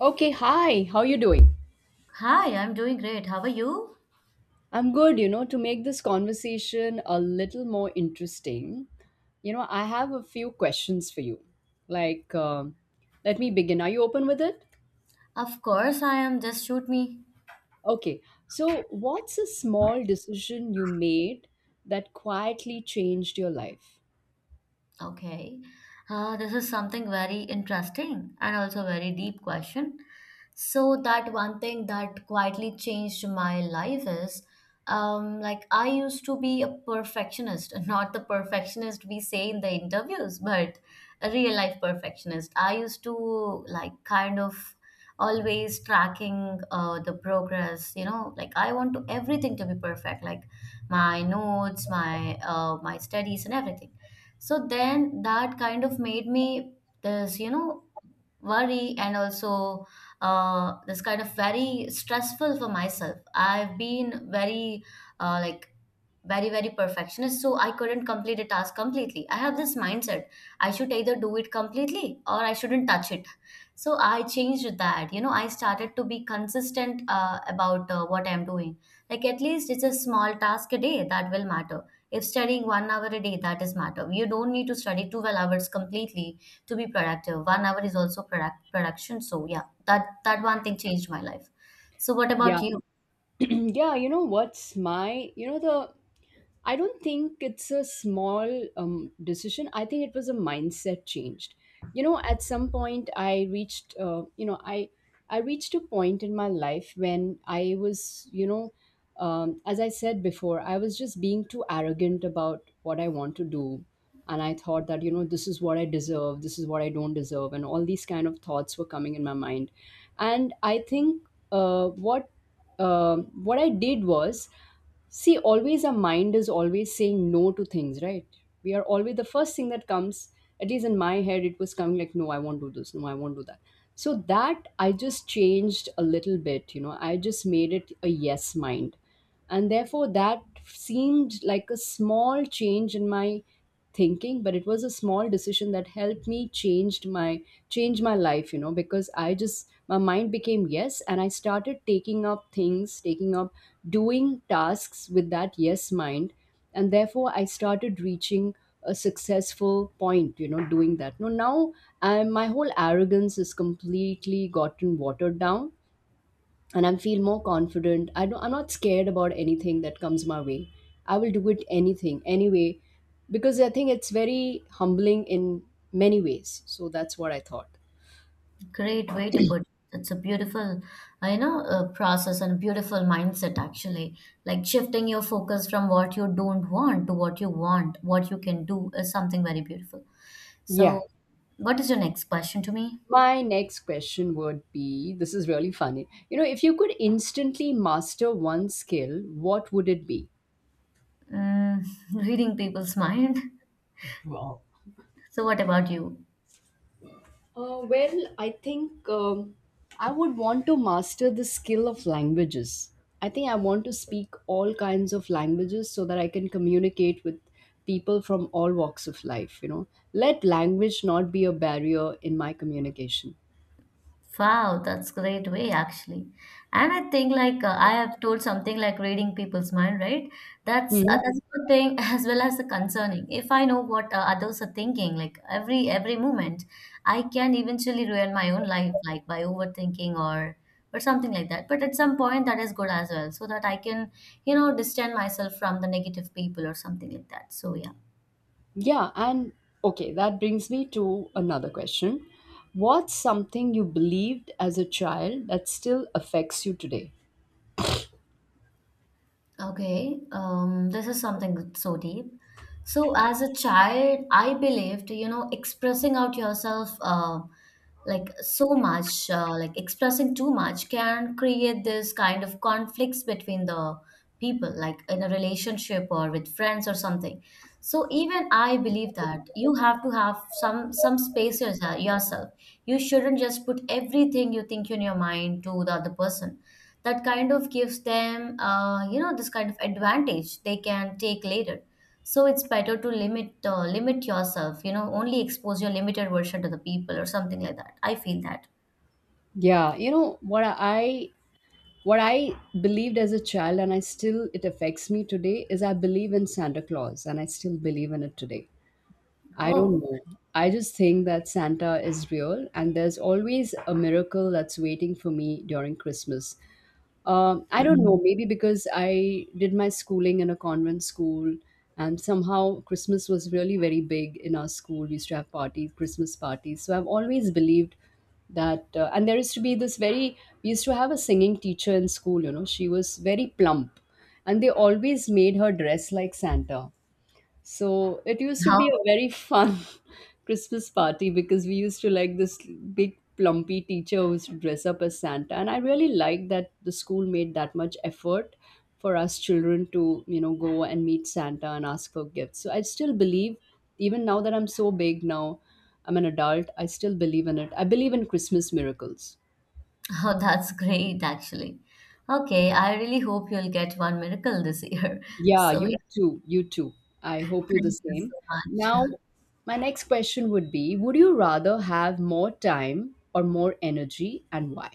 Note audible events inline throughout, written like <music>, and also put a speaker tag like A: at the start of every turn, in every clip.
A: Okay, hi. How you doing?
B: Hi, I'm doing great. How are you?
A: I'm good, you know, to make this conversation a little more interesting. You know, I have a few questions for you. Like, let me begin. Are you open with it?
B: Of course, I am. Just shoot me.
A: Okay. So, what's a small decision you made that quietly changed your life?
B: Okay. This is something very interesting and also very deep question. So that one thing that quietly changed my life is like I used to be a perfectionist, <laughs> not the perfectionist we say in the interviews, but a real life perfectionist. I used to like kind of always tracking the progress, you know, like I want to everything to be perfect, like my notes, my my studies and everything, so then that kind of made me this, you know, worry and also this kind of very stressful for myself. I've been very uh, like very perfectionist, so I couldn't complete a task completely. I have this mindset, I should either do it completely or I shouldn't touch it. So I changed that, you know, I started to be consistent about what I'm doing, like at least it's a small task a day that will matter. If studying one hour a day, that is matter, you don't need to study 12 hours completely to be productive. One hour is also product production. So yeah, that one thing changed my life. So what
A: Yeah.
B: about you?
A: <clears throat> yeah, you know what's my, you know the I don't think it's a small decision. I think it was a mindset changed. You know, at some point, I reached, you know, I reached a point in my life when I was, you know, as I said before, I was just being too arrogant about what I want to do, and I thought that, you know, this is what I deserve, this is what I don't deserve, and all these kind of thoughts were coming in my mind, and I think uh, what what I did was, see, always our mind is always saying no to things, right? We are always, the first thing that comes, at least in my head, it was coming like, no, I won't do this, no, I won't do that. So that I just changed a little bit, you know, I just made it a yes mind, and therefore that seemed like a small change in my thinking, but it was a small decision that helped me changed my change my life, you know, because I just my mind became yes, and I started taking up things, taking up doing tasks with that yes mind, and therefore I started reaching a successful point, you know, doing that. No, now I, my whole arrogance is completely gotten watered down and I feel more confident. I don't, I'm not scared about anything that comes my way. I will do it anything, anyway, because I think it's very humbling in many ways. So that's what I thought.
B: Great way to put it. It's a beautiful, you know, process and beautiful mindset actually. Like shifting your focus from what you don't want to what you want, what you can do is something very beautiful.
A: Yeah.
B: So, what is your next question to me?
A: My next question would be, this is really funny. You know, if you could instantly master one skill, what would it be?
B: Mm, <laughs> reading people's mind.
A: Wow.
B: So, what about you?
A: Well, I think I would want to master the skill of languages. I think I want to speak all kinds of languages so that I can communicate with people from all walks of life. You know, let language not be a barrier in my communication.
B: Wow, that's great way actually. And I think like I have told something like reading people's mind, right?
A: Hmm.
B: That's a good thing <laughs> as well as the concerning. If I know what others are thinking, like every moment, I can eventually ruin my own life, like by overthinking or something like that. But at some point, that is good as well, so that I can, you know, distance myself from the negative people or something like that. So yeah.
A: Yeah, and okay, that brings me to another question. What's something you believed as a child that still affects you today?
B: Okay, this is something so deep. So, as a child, I believed, you know, expressing out yourself, like so much, like expressing too much can create this kind of conflicts between the people, like in a relationship or with friends or something. So even I believe that you have to have some space yourself. Yourself. You shouldn't just put everything you think in your mind to the other person. That kind of gives them, you know, this kind of advantage they can take later. So it's better to limit limit yourself, you know, only expose your limited version to the people or something like that. I feel that.
A: Yeah, you know what I, what I believed as a child, and I still, it affects me today, is I believe in Santa Claus, and I still believe in it today. I don't
B: Oh.
A: know. I just think that Santa is real, and there's always a miracle that's waiting for me during Christmas. I don't know,
B: Mhm.
A: maybe because I did my schooling in a convent school, and somehow Christmas was really very big in our school. We used to have parties, Christmas parties. So I've always believed that, and there used to be this very, we used to have a singing teacher in school, you know, she was very plump, and they always made her dress like Santa. So it used to
B: How?
A: be a very fun <laughs> Christmas party because we used to like this big plumpy teacher who used to dress up as Santa. And I really liked that the school made that much effort for us children to, you know, go and meet Santa and ask for gifts. So I still believe, even now that I'm so big now, I'm an adult, I still believe in it. I believe in Christmas miracles.
B: Oh, <laughs> that's great actually. Okay, I really hope you'll get one miracle this year. <laughs>
A: Yeah,
B: So yeah,
A: you too. You too. I hope you the
B: thank you
A: same.
B: so
A: Now,
B: much.
A: my next question would be, would you rather have more time or more energy, and why?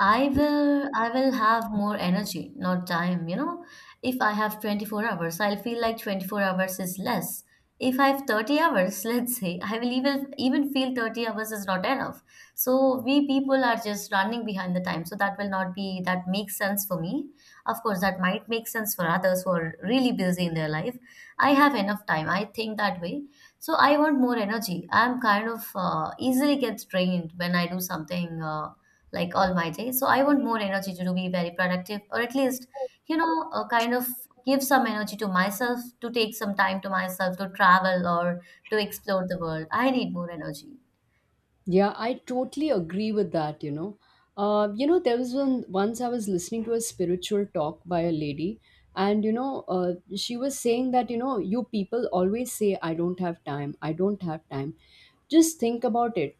B: I will, I will have more energy, not time, you know. If I have 24 hours, I'll feel like 24 hours is less. If I have 30 hours, <laughs> let's say, I will even feel 30 hours is not enough. So we people are just running behind the time. So that will not be, that makes sense for me. Of course, that might make sense for others who are really busy in their life. I have enough time. I think that way. So I want more energy. I'm kind of easily gets drained when I do something. Like all my days. So I want more energy to be very productive, or at least, you know, kind of give some energy to myself to take some time to myself to travel or to explore the world. I need more energy.
A: Yeah, I totally agree with that, you know. You know, there was one, once I was listening to a spiritual talk by a lady, and you know, she was saying that, you know, you people always say, I don't have time, I don't have time. Just think about it.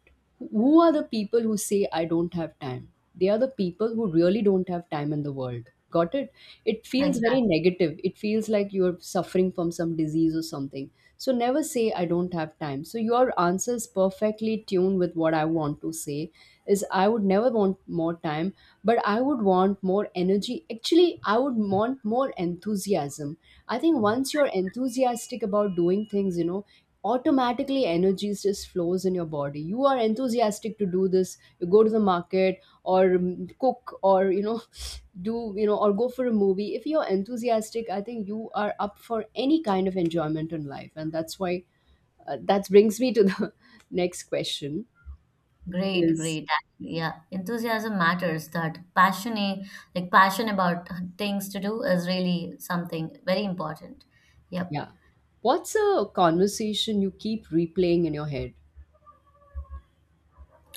A: Who are the people who say, I don't have time? They are the people who really don't have time in the world. Got it? It
B: Like
A: feels very
B: that.
A: negative. It feels like you're suffering from some disease or something, so never say, I don't have time. So your answer is perfectly tuned with what I want to say is I would never want more time, but I would want more energy. Actually, I would want more enthusiasm. I think once you're enthusiastic about doing things, you know, automatically energy just flows in your body. You are enthusiastic to do this, you go to the market or cook, or you know, <laughs> <sniffs> do you know or go for a movie. If you're enthusiastic, I think you are up for any kind of enjoyment in life, and that's why that brings me to the <laughs> next question
B: Great,
A: is,
B: great. Actually, yeah. Enthusiasm matters. That passion, like passion about things to do is really something very important. Yep.
A: yeah, what's a conversation you keep replaying in your head?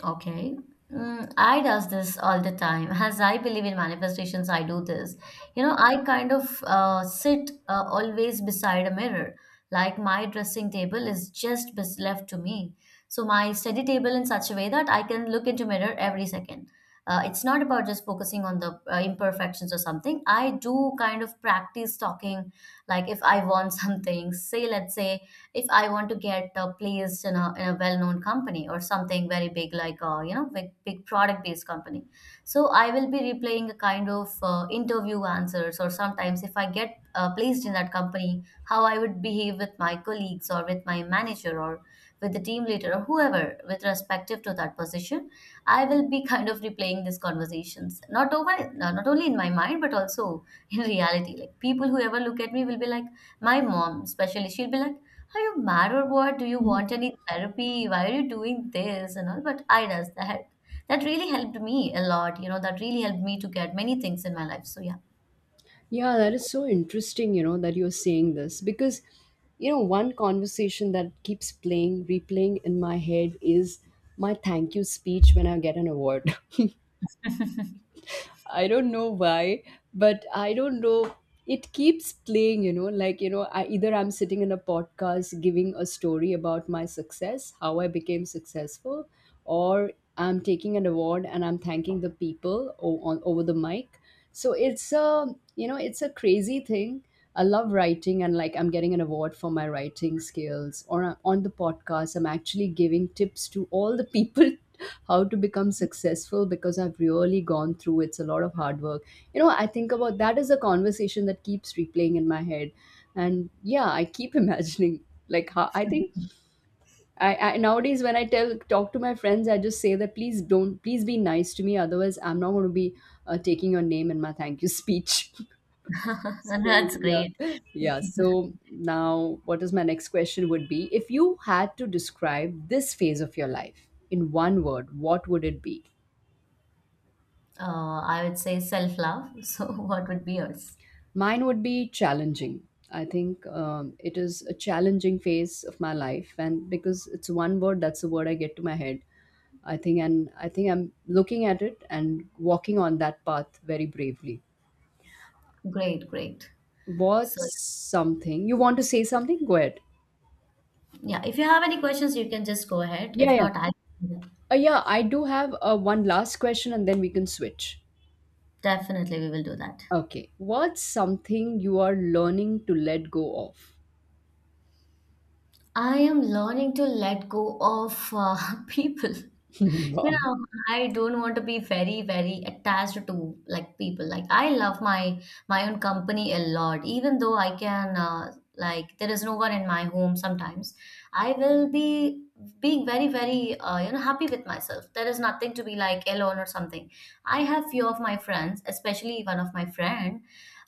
B: Okay. Mm, I does this all the time. <laughs> As I believe in manifestations, I do this. You know, I kind of sit always beside a mirror. Like my dressing table is just left to me. So my study table in such a way that I can look into mirror every second. It's not about just focusing on the imperfections or something. I do kind of practice talking. Like if I want <laughs> something, say let's say if I want to get placed in in a well-known company or something very big, like a, you know, big, big product-based company, so I will be replaying a kind of interview answers, or sometimes if I get placed in that company, how I would behave with my colleagues or with my manager or with the team leader or whoever with respective to that position. I will be <laughs> kind of replaying these conversations, not only in my mind but also in reality. Like people who ever look at me will be like, my mom especially, she'll be like, are you mad or what? Do you want any therapy? Why are you doing this and all? But I does that. That really helped me a lot. You know, that really helped me to get many things in my life. So yeah,
A: Yeah, that is so interesting, you know, that you're saying this, because, you know, one conversation that keeps playing, replaying in my head is my thank you speech when I get an award. <laughs> I don't know why, but I don't know. It keeps playing, you know, like, you know, I, either I'm sitting in a podcast giving a story about my success, how I became successful, or I'm taking an award and I'm thanking the people o- on, over the mic. So it's a, you know, it's a crazy thing. I love writing, and like I'm getting an award for my writing skills, or I on the podcast I'm actually giving tips to all the people <laughs> how to become successful, because I've really gone through, it's a lot of hard work, you know. I think about that is a conversation that keeps replaying in my head. And yeah, I keep <laughs> imagining like how I think, I nowadays when I tell talk to my friends, I just say that, please don't, please be nice to me. Otherwise, I'm not going to be taking your name in my thank you speech. <laughs>
B: <laughs> and
A: So
B: that's great.
A: yeah, yeah. So now, what is my next question? Would be, if you had to describe this phase of your life in one word, what would it be?
B: I would say self-love. <laughs> So what would be yours?
A: Mine would be challenging. I think it is a challenging phase of my life, and because it's one word, that's the word I get to my head. I think, and I think I'm looking at it and walking on that path very bravely.
B: Great, great. So
A: What's something you want to say? Something? Go ahead.
B: yeah, if you have any questions, you can just go ahead.
A: Yeah,
B: If
A: yeah,
B: not, I,
A: yeah. I do have one last question, and then we can switch.
B: definitely we will do that.
A: Okay, what's something you are learning to let go of? <laughs>
B: I am learning to let go of <laughs> people. You
A: Wow.
B: know, I don't want to be very, very attached to like people. Like I love my my own company a lot, even though I can like there is no one in my home sometimes. I will be being very, very, you know, happy with myself. There is nothing to be like alone or something. I have few of my friends, especially one of my friend,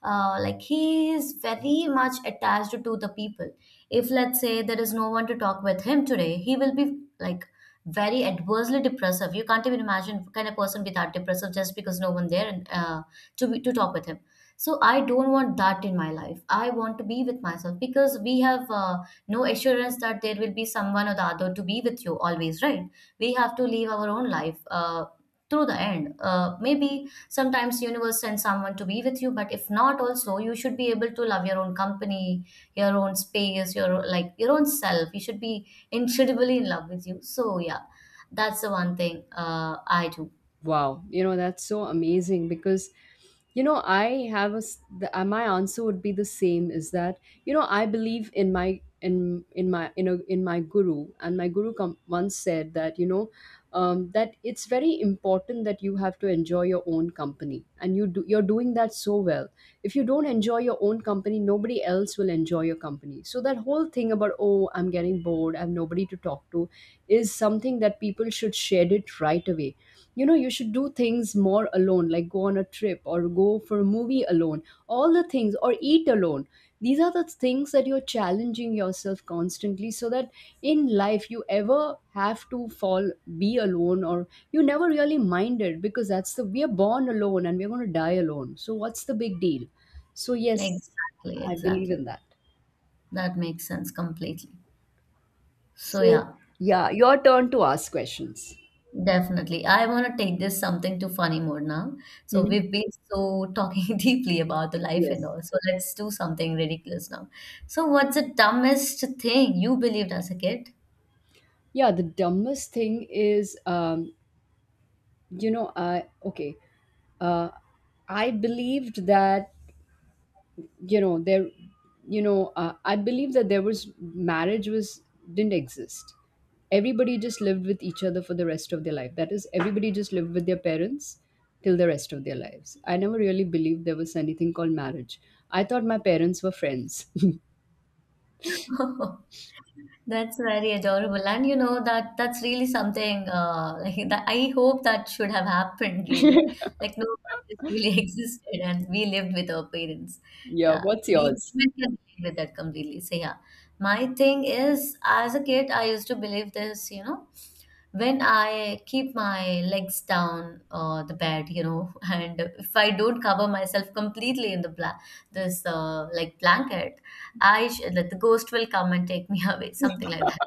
B: like he is very much attached to the people. If let's say there is no one to talk with him today, he will be like very adversely depressive. You can't even imagine, can a person be that depressive just because no one there, and to be, to talk with him. So I don't want that in my life. I want to be with myself, because we have, no assurance that there will be someone or the other to be with you always, right? We have to live our own life, through the end, maybe sometimes universe sends someone to be with you, but if not also you should be able to love your own company, your own space, your like your own self. You should be incredibly in love with you. So yeah, that's the one thing I do.
A: Wow, you know, that's so amazing, because you know I have a s- the, my answer would be the same, is that you know I believe in my in a, in my guru, and my guru com- once said that, you know, that it's very important that you have to enjoy your own company, and you do, you're doing that so well. If you don't enjoy your own company, nobody else will enjoy your company. So that whole thing about, oh, I'm getting bored, I have nobody to talk to, is something that people should shed it right away. You know, you should do things more alone, like go on a trip or go for a movie alone, all the things, or eat alone. These are the things that you're challenging yourself constantly, so that in life you ever have to fall, be alone, or you never really mind it, because that's the, we are born alone and we're going to die alone, so what's the big deal. So yes,
B: Exactly,
A: I believe
B: exactly.
A: in that.
B: That makes sense completely. So
A: So it,
B: yeah,
A: yeah, your turn to ask questions.
B: definitely. I want to take this something to funny mode now. So
A: Hmm.
B: we've been so talking <laughs> deeply about the life and
A: Yes.
B: all. So let's do something ridiculous now. So what's the dumbest thing you believed as a kid?
A: Yeah, the dumbest thing is, you know i, okay, uh I believed that, you know there, you know, I believe that there was, marriage was didn't exist, everybody just lived with each other for the rest of their life, that is, everybody just lived with their parents till the rest of their lives. I never really believed there was anything called marriage. I thought my parents were friends.
B: <laughs> That's very adorable. And you know that that's really something like that I hope that should have happened really. Like no, this really <laughs> existed and we lived with our parents.
A: <laughs> Yeah,
B: Yeah,
A: what's
B: we
A: yours?
B: women can relate with that completely. So yeah, my thing is as a kid I used to believe this, you know, when I keep my legs down the bed, you know, <laughs> and if I don't cover myself completely in the this, like, blanket, that the ghost will come and take me <laughs> away, something like that.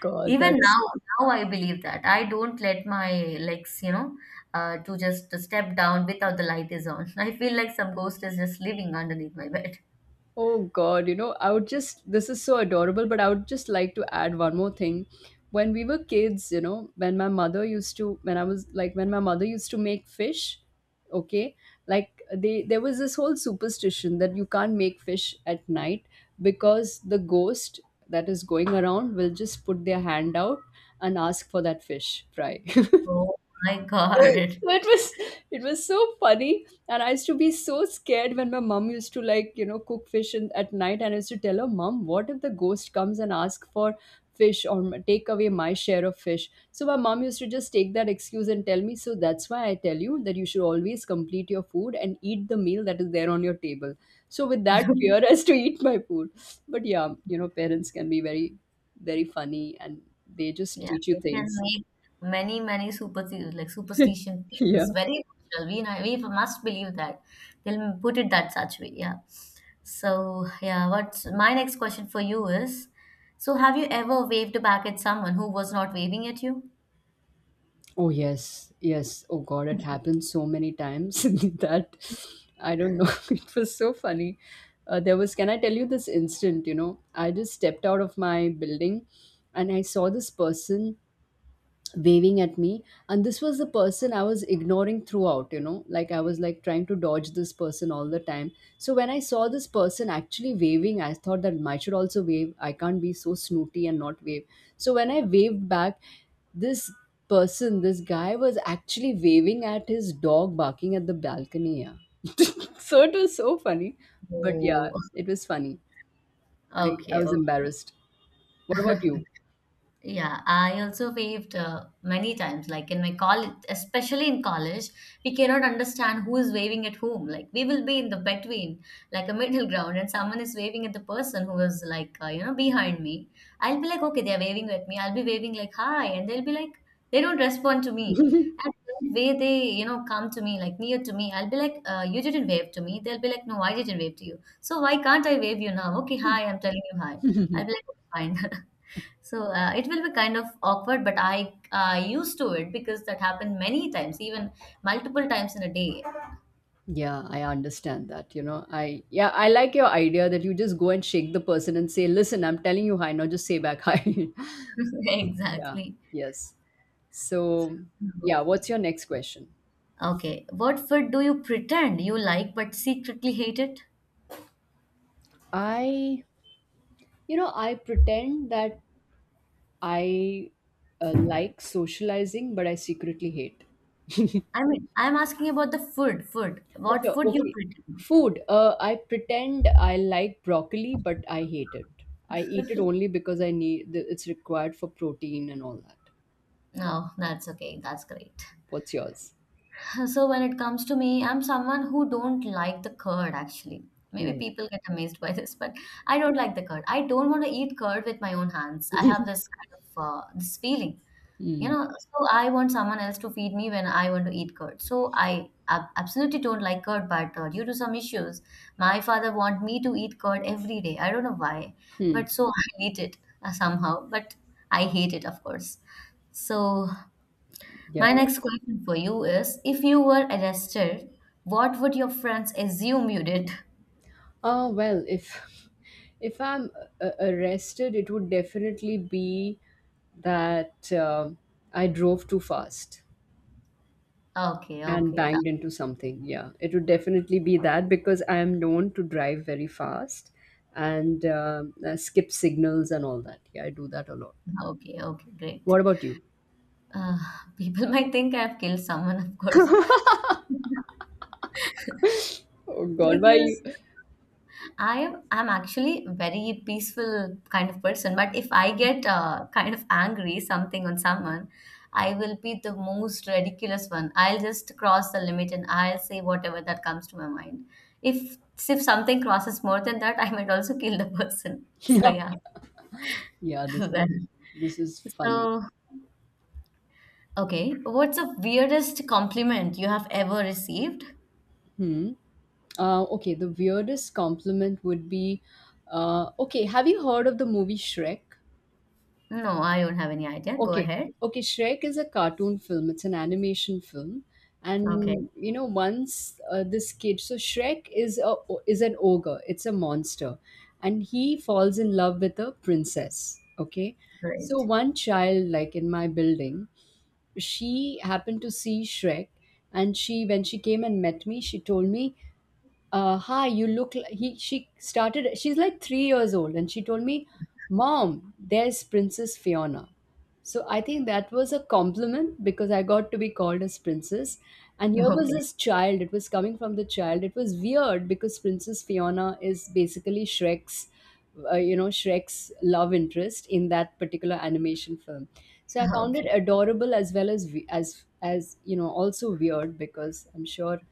A: God,
B: Even
A: that's,
B: now, now I believe that I don't let my legs, you know, to just step down without the light is on. <laughs> I feel like some ghost is just living underneath my bed.
A: oh God, you know, I would just, this is so adorable, but I would just like to add one more thing. When we were kids, you know, when my mother used to, when I was like, when my mother used to make fish, okay, like they, there was this whole superstition that you can't make fish at night, because the ghost that is going around will just put their hand out and ask for that fish fry. <laughs>
B: Oh my
A: <laughs> So
B: God.
A: it was it was so funny, and I used to be so scared when my mom used to like cook fish at night. And I used to tell her, "Mom, what if the ghost comes and asks for fish or take away my share of fish?" So my mom used to just take that excuse and tell me, "So that's why I tell you that you should always complete your food and eat the meal that is there on your table." So with that fear <laughs>
B: <laughs>
A: as to eat my food. But yeah, parents can be very, very funny, and they just
B: Yeah,
A: teach you
B: they can
A: things.
B: make many, many superstitions, like
A: <laughs>
B: superstition
A: Yeah.
B: things very natural. We, know- we must believe that. They'll put it that such way. Yeah. So, yeah, what's my next question for you is, so have you ever waved back at someone who was not waving at you?
A: Oh yes, yes. Oh God, it happened so many times <laughs> that I don't know. <laughs> It was so funny. There was. Can I tell you this instant? You know, I just stepped out of my building, and I saw this person waving at me, and this was the person I was ignoring throughout. Like, I was like trying to dodge this person all the time. So when I saw this person actually waving, I thought that I should also wave. I can't be so snooty and not wave. So when I waved back, this this guy was actually waving at his dog barking at the balcony, yeah. <laughs> So it was so funny, but yeah,
B: Oh,
A: it was funny. I, I
B: okay,
A: was
B: okay.
A: embarrassed. What about you?
B: Yeah, I also waved many times, like in my college, especially in college, we cannot understand who is waving at whom. Like, we will be in the between, like a middle ground, and someone is waving at the person who is like, you know, behind me. I'll be like, okay, they're waving at me. I'll be waving like, hi, and they'll be like, they don't respond to me. And the way they, you know, come to me, like near to me, I'll be like, you didn't wave to me. They'll be like, no, I didn't wave to you. So why can't I wave you now? Okay, hi, I'm telling you hi. I'll be
A: <laughs>
B: like, okay, fine. <laughs> It will be kind of awkward, but I used to it because that happened many times, even multiple times in a day.
A: Yeah, I understand that. You know, I like your idea that you just go and shake the person and say, "Listen, I'm telling you hi, not just say back hi."
B: <laughs>
A: <laughs> Yeah.
B: Exactly.
A: Yes. So, yeah, what's your next question?
B: Okay. What food do you pretend you like but secretly hate it?
A: I, I pretend that I like socializing, but I secretly hate. <laughs>
B: I mean, I'm asking about the food. Food. What
A: Achha,
B: food you
A: okay.
B: pretend?
A: Food. I pretend I like broccoli, but I hate it. I eat it only because I need it's required for protein and all that.
B: No, that's okay. That's great.
A: What's yours?
B: So when it comes to me, I'm someone who don't like the curd actually. Maybe
A: Mm.
B: people get amazed by this, but I don't like the curd. I don't want to eat curd with my own hands. I have this
A: <laughs>
B: kind of this feeling, you
A: Mm.
B: know. So I want someone else to feed me when I want to eat curd. So I absolutely don't like curd, but due to some issues, my father want me to eat curd every day. I don't know why,
A: Mm.
B: but so I eat it somehow. But I hate it, of course. So
A: Yeah.
B: my next question for you is, if you were arrested, what would your friends assume you did? <laughs>
A: Oh well, if <laughs> if I'm arrested, it would definitely be that I drove too fast
B: Okay,
A: and
B: okay, that,
A: banged into something. Yeah, it would definitely be that because I am known to drive very fast and skip signals and all that. Yeah, I do that a lot.
B: okay, okay, great.
A: What about you?
B: Uh, <laughs> people might think I've killed someone, of course, <laughs>
A: Oh God, why you?
B: because I'm actually very peaceful kind of person, but if I get kind of angry something on someone, I will be the most ridiculous one. I'll just cross the limit and I'll say whatever that comes to my mind. If if something crosses more than that, I might also kill the <laughs> person. So
A: <laughs>
B: yeah,
A: Yeah,
B: <laughs>
A: this
B: well,
A: this is funny.
B: so okay. What's the weirdest compliment you have ever received?
A: Hmm. Okay, the weirdest compliment would be, okay, have you heard of the movie Shrek?
B: No, I don't have any idea. Go
A: Okay,
B: ahead.
A: okay, Shrek is a cartoon film. It's an animation film,
B: Okay,
A: and once this kid, so Shrek is a is an ogre. It's a monster, and he falls in love with a princess. Okay, so
B: great.
A: one child, like in my building, she happened to see Shrek, and she when she came and met me, she told me, "Hi, you look li-" he she started, she's like 3 years old, and she told me, "Mom, there's Princess Fiona." So I think that was a compliment because I got to be called as princess. And here was
B: <laughs> Okay,
A: this child. It was coming from the child. It was weird because Princess Fiona is basically Shrek's love interest in that particular animation film. So I found it
B: okay.
A: adorable as well as also weird because I'm sure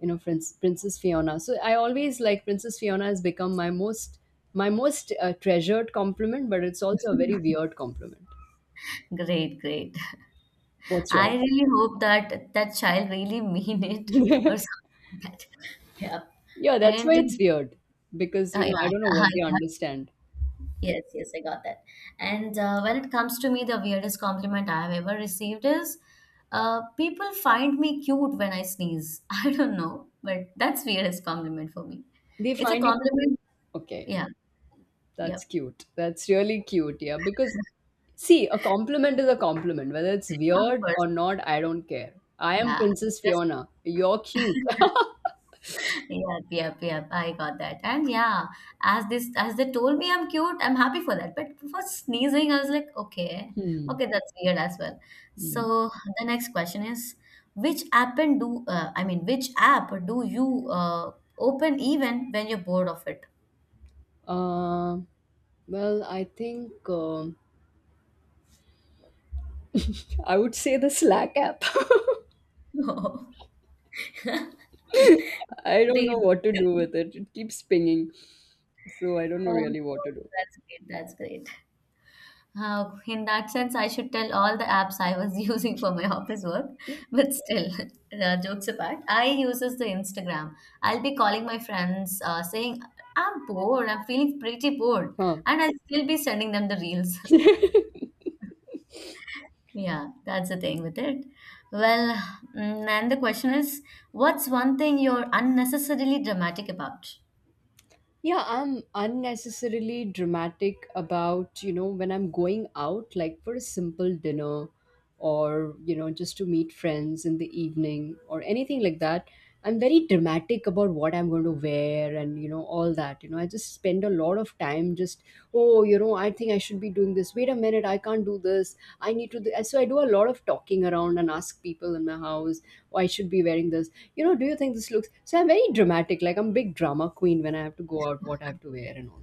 A: you know Princess Fiona. So I always, like, Princess Fiona has become my most treasured compliment, but it's also a very
B: <laughs>
A: weird compliment.
B: Great, great. <laughs>
A: What's yours?
B: I really hope that that child really mean it <laughs> or
A: <laughs>
B: something like that. Yeah.
A: Yeah, that's why
B: And
A: it's weird because
B: yeah,
A: I don't know
B: yeah,
A: what
B: I
A: they
B: got.
A: understand.
B: Yes, yes, I got that. And when it comes to me, the weirdest compliment I have ever received is people find me cute when I sneeze. <laughs> I don't know, but that's weirdest compliment for me.
A: They
B: It's a
A: find you
B: compliment.
A: okay,
B: Yeah, yeah,
A: that's cute. That's really cute, yeah. Because see, a compliment is a compliment, whether it's
B: of
A: weird
B: course.
A: or not, I don't care. I am
B: Yeah,
A: Princess
B: yes,
A: Fiona. You're cute. <laughs>
B: yep, yep, yep. I got that. And yeah, as this as they told me I'm cute, I'm happy for that. But for sneezing, I was like, okay,
A: Hmm.
B: okay, that's weird as well.
A: Hmm.
B: So the next question is, which app and do I mean, which app do you open even when you're bored of it?
A: Uh, well, I think I would say the Slack app. <laughs>
B: <laughs>
A: I
B: Oh,
A: don't know
B: great.
A: what to do with it. It keeps pinging, so I don't know
B: Oh,
A: really what to
B: that's great. That's great. In that sense, I should tell all the apps I was <laughs> using for my office work. But still, <laughs> jokes apart, I uses the Instagram. I'll be calling my friends, saying I'm bored. I'm feeling pretty bored,
A: do.
B: and I'll still be sending them the reels.
A: Huh. <laughs>
B: <laughs> Yeah, that's the thing with it. Well, and the question is, what's one thing you're unnecessarily dramatic about?
A: Yeah, I'm unnecessarily dramatic about, when I'm going out, like for a simple dinner or, just to meet friends in the evening or anything like that. I'm very dramatic about what I'm going to wear and, all that. I just spend a lot of time just, oh, I think I should be doing this. Wait a minute, I can't do this. I need to. Do. So I do a lot of talking around and ask people in my house, "Oh, I should be wearing this. You know, do you think this looks so?" I'm very dramatic, like I'm big drama queen when I have to go out, what I have to wear, and all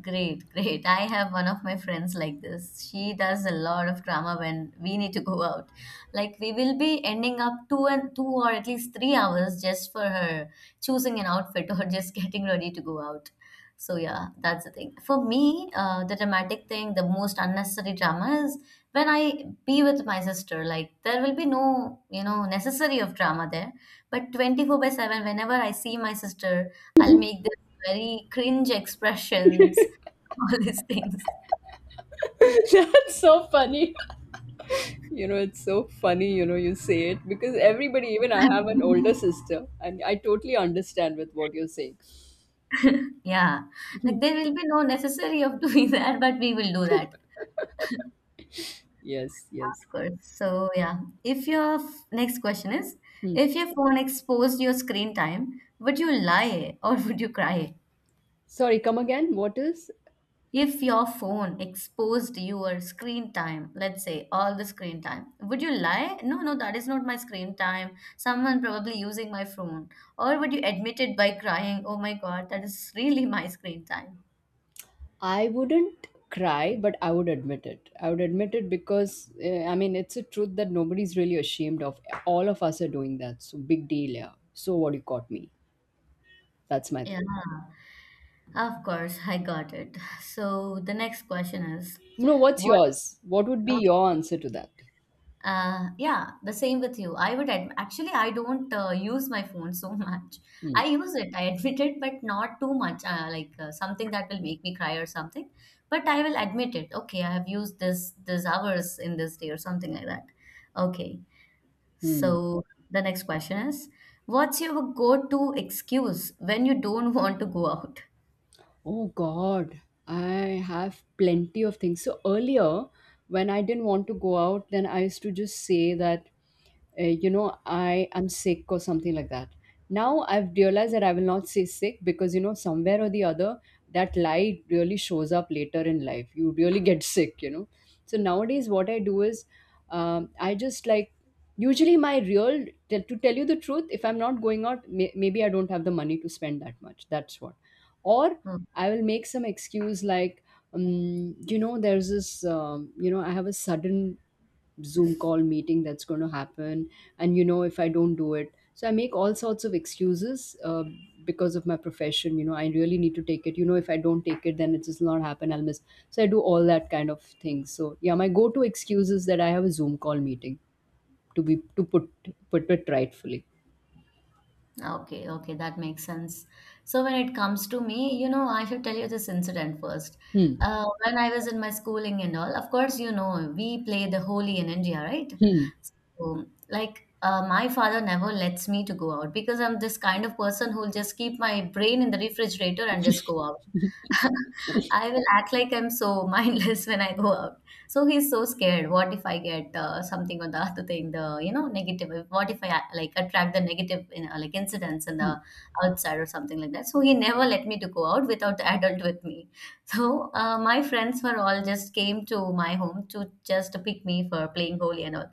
B: Great, great. I have one of my friends like this. She does a lot of drama when we need to go out. Like we will be ending up two and two or at least 3 hours just for her choosing an outfit <laughs> or just getting ready to go out. So yeah, that's the thing. For me, the dramatic thing, the most unnecessary drama is when I be with my sister. Like there will be no, you know, necessary of drama there. But 24 by 7, whenever I see my sister, I'll make very cringe expressions, <laughs> all these things.
A: that. <laughs> That's so funny. It's so funny, you say it because everybody, even I have an older
B: <laughs>
A: sister, and I totally understand with what you're saying.
B: Yeah, like there will be no necessary of doing <laughs> that, but we will do that,
A: Yes, yes.
B: of course. So yeah, if your next question is,
A: Hmm.
B: if your phone exposed your screen time, would you lie or would you cry?
A: Sorry, come again. What is?
B: If your phone exposed your screen time, let's say all the screen time, would you lie? No, no, that is not my screen time. Someone probably using my phone. Or would you admit it by crying, oh my God, that is really my screen time?
A: I wouldn't cry, but I would admit it. I would admit it because, I mean, it's a truth that nobody's really ashamed of. All of us are doing that. So, big deal, yeah. So, what, you caught me? That's my thing.
B: Yeah, of course, I got it. So the next question is
A: No, what's
B: what?
A: yours? What would be
B: Okay,
A: your answer to that?
B: Yeah, the same with you. I would adm actually, I don't use my phone so <laughs> much.
A: Hmm.
B: I use it, I admit it, but not too much, like something that will make me cry or something. But I will admit it. Okay, I have used this hours in this day or something like that. Okay.
A: Hmm.
B: So the next question is, what's your go-to excuse when you don't <laughs> want to go out?
A: Oh God, I have plenty of things. So earlier, when I didn't want to go out, then I used to just say that, I am sick or something like that. Now I've realized that I will not say sick because, somewhere or the other, that lie really shows up later in life. You really get <laughs> sick. So nowadays, what I do is, I just like, usually my real, to tell you the truth, if I'm not going out, maybe I don't have the money to spend that much. That's what. Or I will make some excuse like, there's this, I have a sudden Zoom call meeting that's going to happen, and if I don't do it. So I make all sorts of excuses because of my profession. You know, I really need to take it. You know, if I don't take it, then it does not happen. I'll miss. So I do all that kind of things. So yeah, my go-to excuse is that I have a Zoom call meeting to be to put it rightfully.
B: Okay, okay, that makes sense. So when it comes to me, you know, I should tell you this incident first.
A: Hmm.
B: When I was in my schooling and all, of course, you know, we play the Holi in India, right?
A: Hmm.
B: So, like, my father never lets me to go out because I'm this kind of person who'll just keep my brain in the refrigerator and just go out. <laughs> I will act like I'm so <laughs> mindless when I go out. So he's so scared. What if I get something or the other thing, the you know negative? What if I like attract the negative, you know, like incidents in
A: Hmm.
B: the outside or something like that? So he never let me to go out without the adult with me. <laughs> So my friends were all just came to my home to just pick me for playing goalie and all,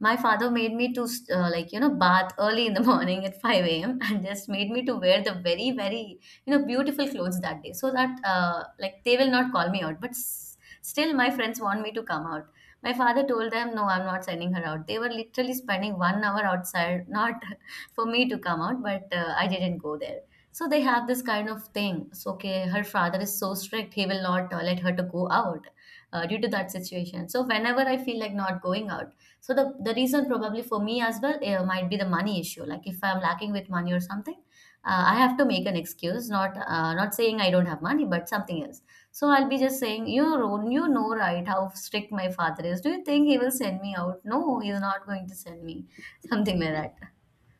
B: my father made me to like you know bath early in the <laughs> morning at 5 a.m. and just made me to wear the very very you know beautiful clothes that day so that like they will not call me out, but still my friends want me to come out. My father told them no, I'm not sending her out. They were literally spending 1 hour outside, not <laughs> for me to come out, but I didn't go there. So they have this kind of thing, so okay, her father is so strict, he will not let her to go out due to that situation. So whenever I feel like not going out, so the reason probably for me as well, might be the money issue, like if I'm lacking with money or something, I have to make an excuse, not saying I don't have money, but something else. So I'll be just saying, you know, right? How strict my father is. Do you think he will send me out? No, he's not going to send me. <laughs> Something like that.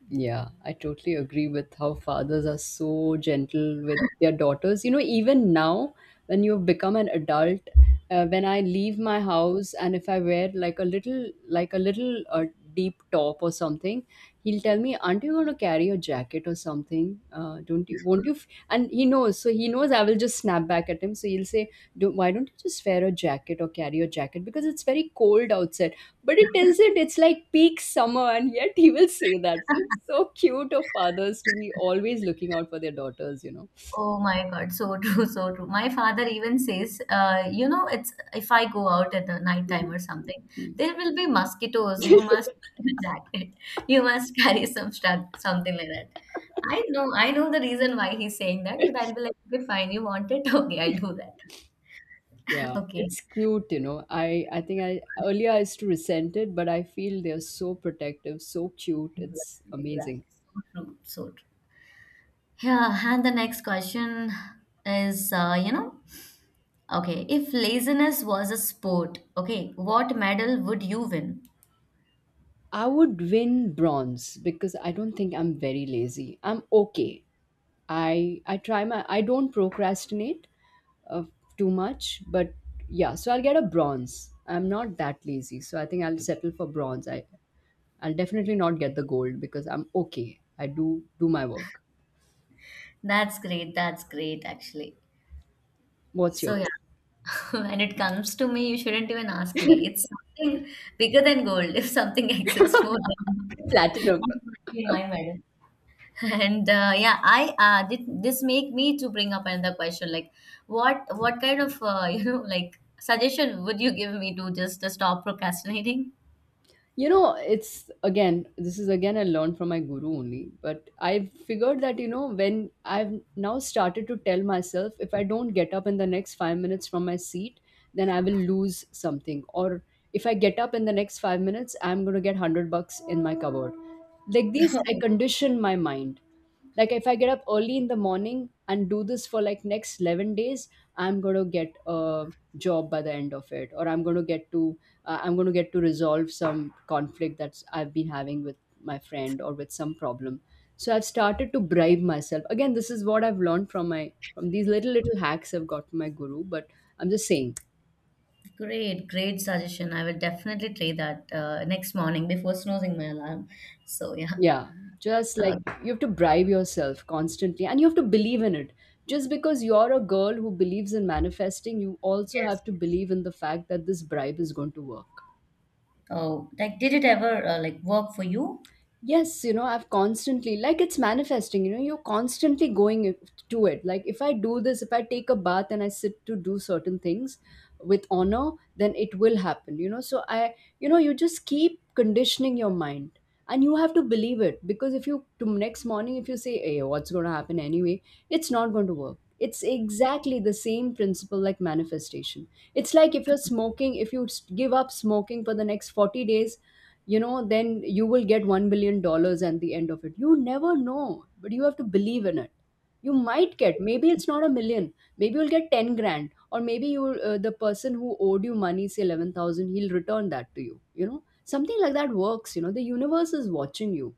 A: Yeah, I totally agree with how fathers are so gentle with their daughters. Even now, when you become an adult, when I leave my house and if I wear like a little, deep top or something, he'll tell me, "Aren't you going to carry a jacket or something? Don't you? Won't you?" And he knows, so he knows I will just snap back at him. So he'll say, "Why don't you just wear a jacket or carry a jacket? Because it's very cold outside." But it tells it, it's like peak summer, and yet <laughs> he will say that. It's so cute of fathers to be always looking out for their daughters.
B: Oh my God, so <laughs> true, so true. My father even says, you know, it's if I go out at the night time
A: Mhm.
B: or something,
A: Mm.
B: there will be mosquitoes. You must
A: <laughs>
B: <laughs> wear a jacket. You must carry some stuff, something like that. I know the reason why he's saying that, but I'll be like, okay, fine, you want it? <laughs> Okay, I'll do that. <laughs>
A: Yeah,
B: Okay.
A: it's cute. I think I earlier I used to resent it, but I feel they're so protective, so cute. It's
B: Exactly.
A: amazing.
B: Exactly. So true. So true. Yeah. And the next question is, you know, okay, if laziness was a sport, okay, what medal would you win?
A: I would win bronze because I don't think I'm very lazy. I'm okay. I try my I don't procrastinate uh, too much, but yeah, so I'll get a bronze. I'm not that lazy, so I think I'll settle for bronze. I'll definitely not get the gold because I'm okay. I do do my work.
B: That's great. That's great, actually.
A: What's
B: So, yeah.
A: yours?
B: <laughs> When it comes to me, you shouldn't even ask me. It's something bigger than gold, if something <laughs> exists more than <laughs>
A: Platinum.
B: that would be my medal. <laughs> And yeah, I did this make me to bring up another question, like what kind of <laughs> you know, like, suggestion would you give me to just to stop procrastinating?
A: It's again, this is again I learned from my guru only, but I've figured that, when I've now started to tell myself, if I don't get up in the next 5 minutes from my seat, then I will lose something. Or if I get up in the next 5 minutes, I'm going to get 100 bucks in my cupboard. Like these, I condition my mind. Like if I get up early in the morning and do this for like next 11 days, I'm going to get a job by the end of it, or I'm going to get to resolve some conflict that's I've been having with my friend or with some problem. So I've started to bribe myself. Again, this is what I've learned from these little little hacks I've got from my guru, but I'm just saying,
B: Great, great suggestion. I will definitely try that next morning before snoozing my alarm, so yeah.
A: yeah, just
B: uh,
A: like you have to bribe yourself constantly and you have to believe in it. Just because you're a girl who believes in manifesting, you also
B: yes,
A: have to
B: yes.
A: believe in the fact that this bribe is going to work.
B: Oh, like did it ever like work for you?
A: Yes, I've constantly, like it's manifesting, you're constantly going to it. Like, if I do this, if I take a bath and I sit to do certain things with honor, then it will happen. So, you just keep conditioning your mind, and you have to believe it. Because if you to next morning if you say, "Hey, what's going to happen anyway?" it's not going to work. It's exactly the same principle, like manifestation. It's like if you're smoking, if you give up smoking for the next 40 days, then you will get $1 billion at the end of it. You never know, but you have to believe in it. You might get, maybe it's not a million, maybe you'll get 10 grand, or maybe you the person who owed you money, say 11,000, he'll return that to you. You know, something like that works. The universe is watching you,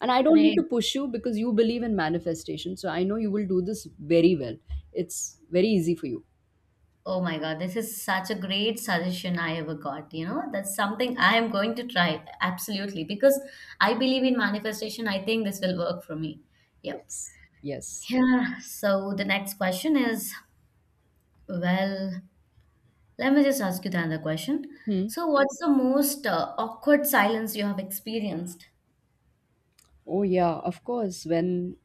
A: and I don't need to
B: Great.
A: push you because you believe in manifestation, so I know you will do this very well. It's very easy for you.
B: Oh my God, this is such a great suggestion I ever got. You know, that's something I am going to try absolutely, because I believe in manifestation. I think this will work for me. Yep.
A: Yes, yes.
B: Yeah. So the next question is, well, let me just ask you the other question.
A: Hmm.
B: So, what's the most awkward silence you have experienced?
A: Oh yeah, of course. When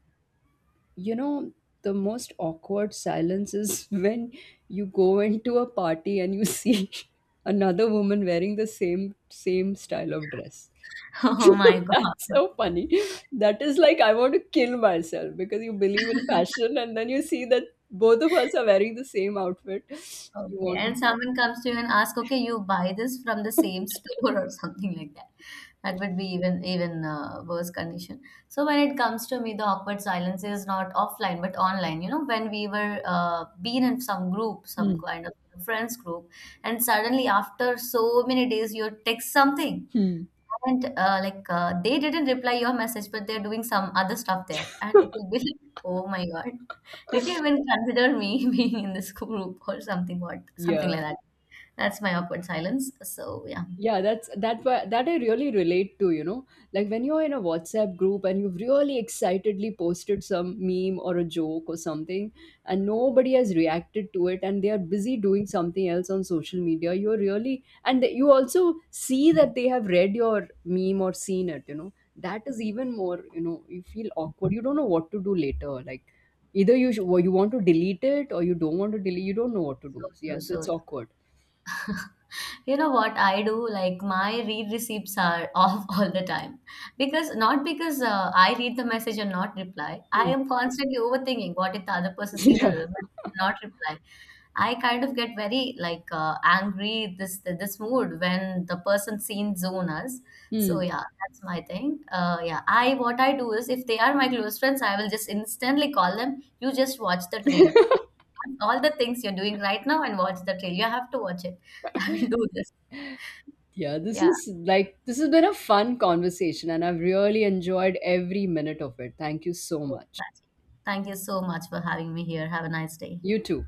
A: you know the most awkward silence is <laughs> when you go into a party and you see <laughs> another woman wearing the same style of dress.
B: <laughs> Oh my
A: <laughs>
B: God.
A: That's so funny. That is like I want to kill myself because you believe in fashion, and then you see that both of us are wearing the same outfit. You
B: Okay,
A: want to.
B: and someone comes to you and asks, "Okay, you buy this from the same <laughs> store or something like that." That would be even worse condition. So when it comes to me, the awkward silence is not offline but online. You know, when we were been in some group, some
A: Hmm.
B: kind of friends group, and suddenly after so many days, you text something,
A: Hmm.
B: haven't, like, they didn't reply your message, but they're doing some other stuff there, and it will be like, oh my God, did you even consider me <laughs> being in this group or something? What,
A: Yeah,
B: something like that? That's my awkward silence. So yeah,
A: yeah, that I really relate to. Like when you're in a WhatsApp group and you've really excitedly posted some meme or a joke or something, and nobody has reacted to it and they are busy doing something else on social media. You're really, and you also see that they have read your meme or seen it. That is even more, you feel awkward. You don't know what to do later, like either you well, you want to delete it or you don't want to delete. You don't know what to do,
B: so
A: yeah,
B: true,
A: so
B: so
A: it's
B: true.
A: awkward.
B: You know what I do? Like my read receipts are <laughs> off all the time, because not because I read the message and not reply. I
A: Hmm.
B: am constantly overthinking. What if the other
A: <laughs>
B: person see the
A: Yeah.
B: message and not reply? I kind of get very like angry, this mood when the person seen zone us. So
A: Hmm.
B: yeah, that's my thing. Yeah, I what I do is if they are my close friends, I will just instantly call them. You just watch the trail, like all the things you're doing right now, and watch the trail. You have to watch it. <laughs> I will do this.
A: Yeah,
B: Yeah.
A: this has been a fun conversation, and I've really enjoyed every minute of it. Thank you so much.
B: Thank you so much for having me here. Have a nice day.
A: You too.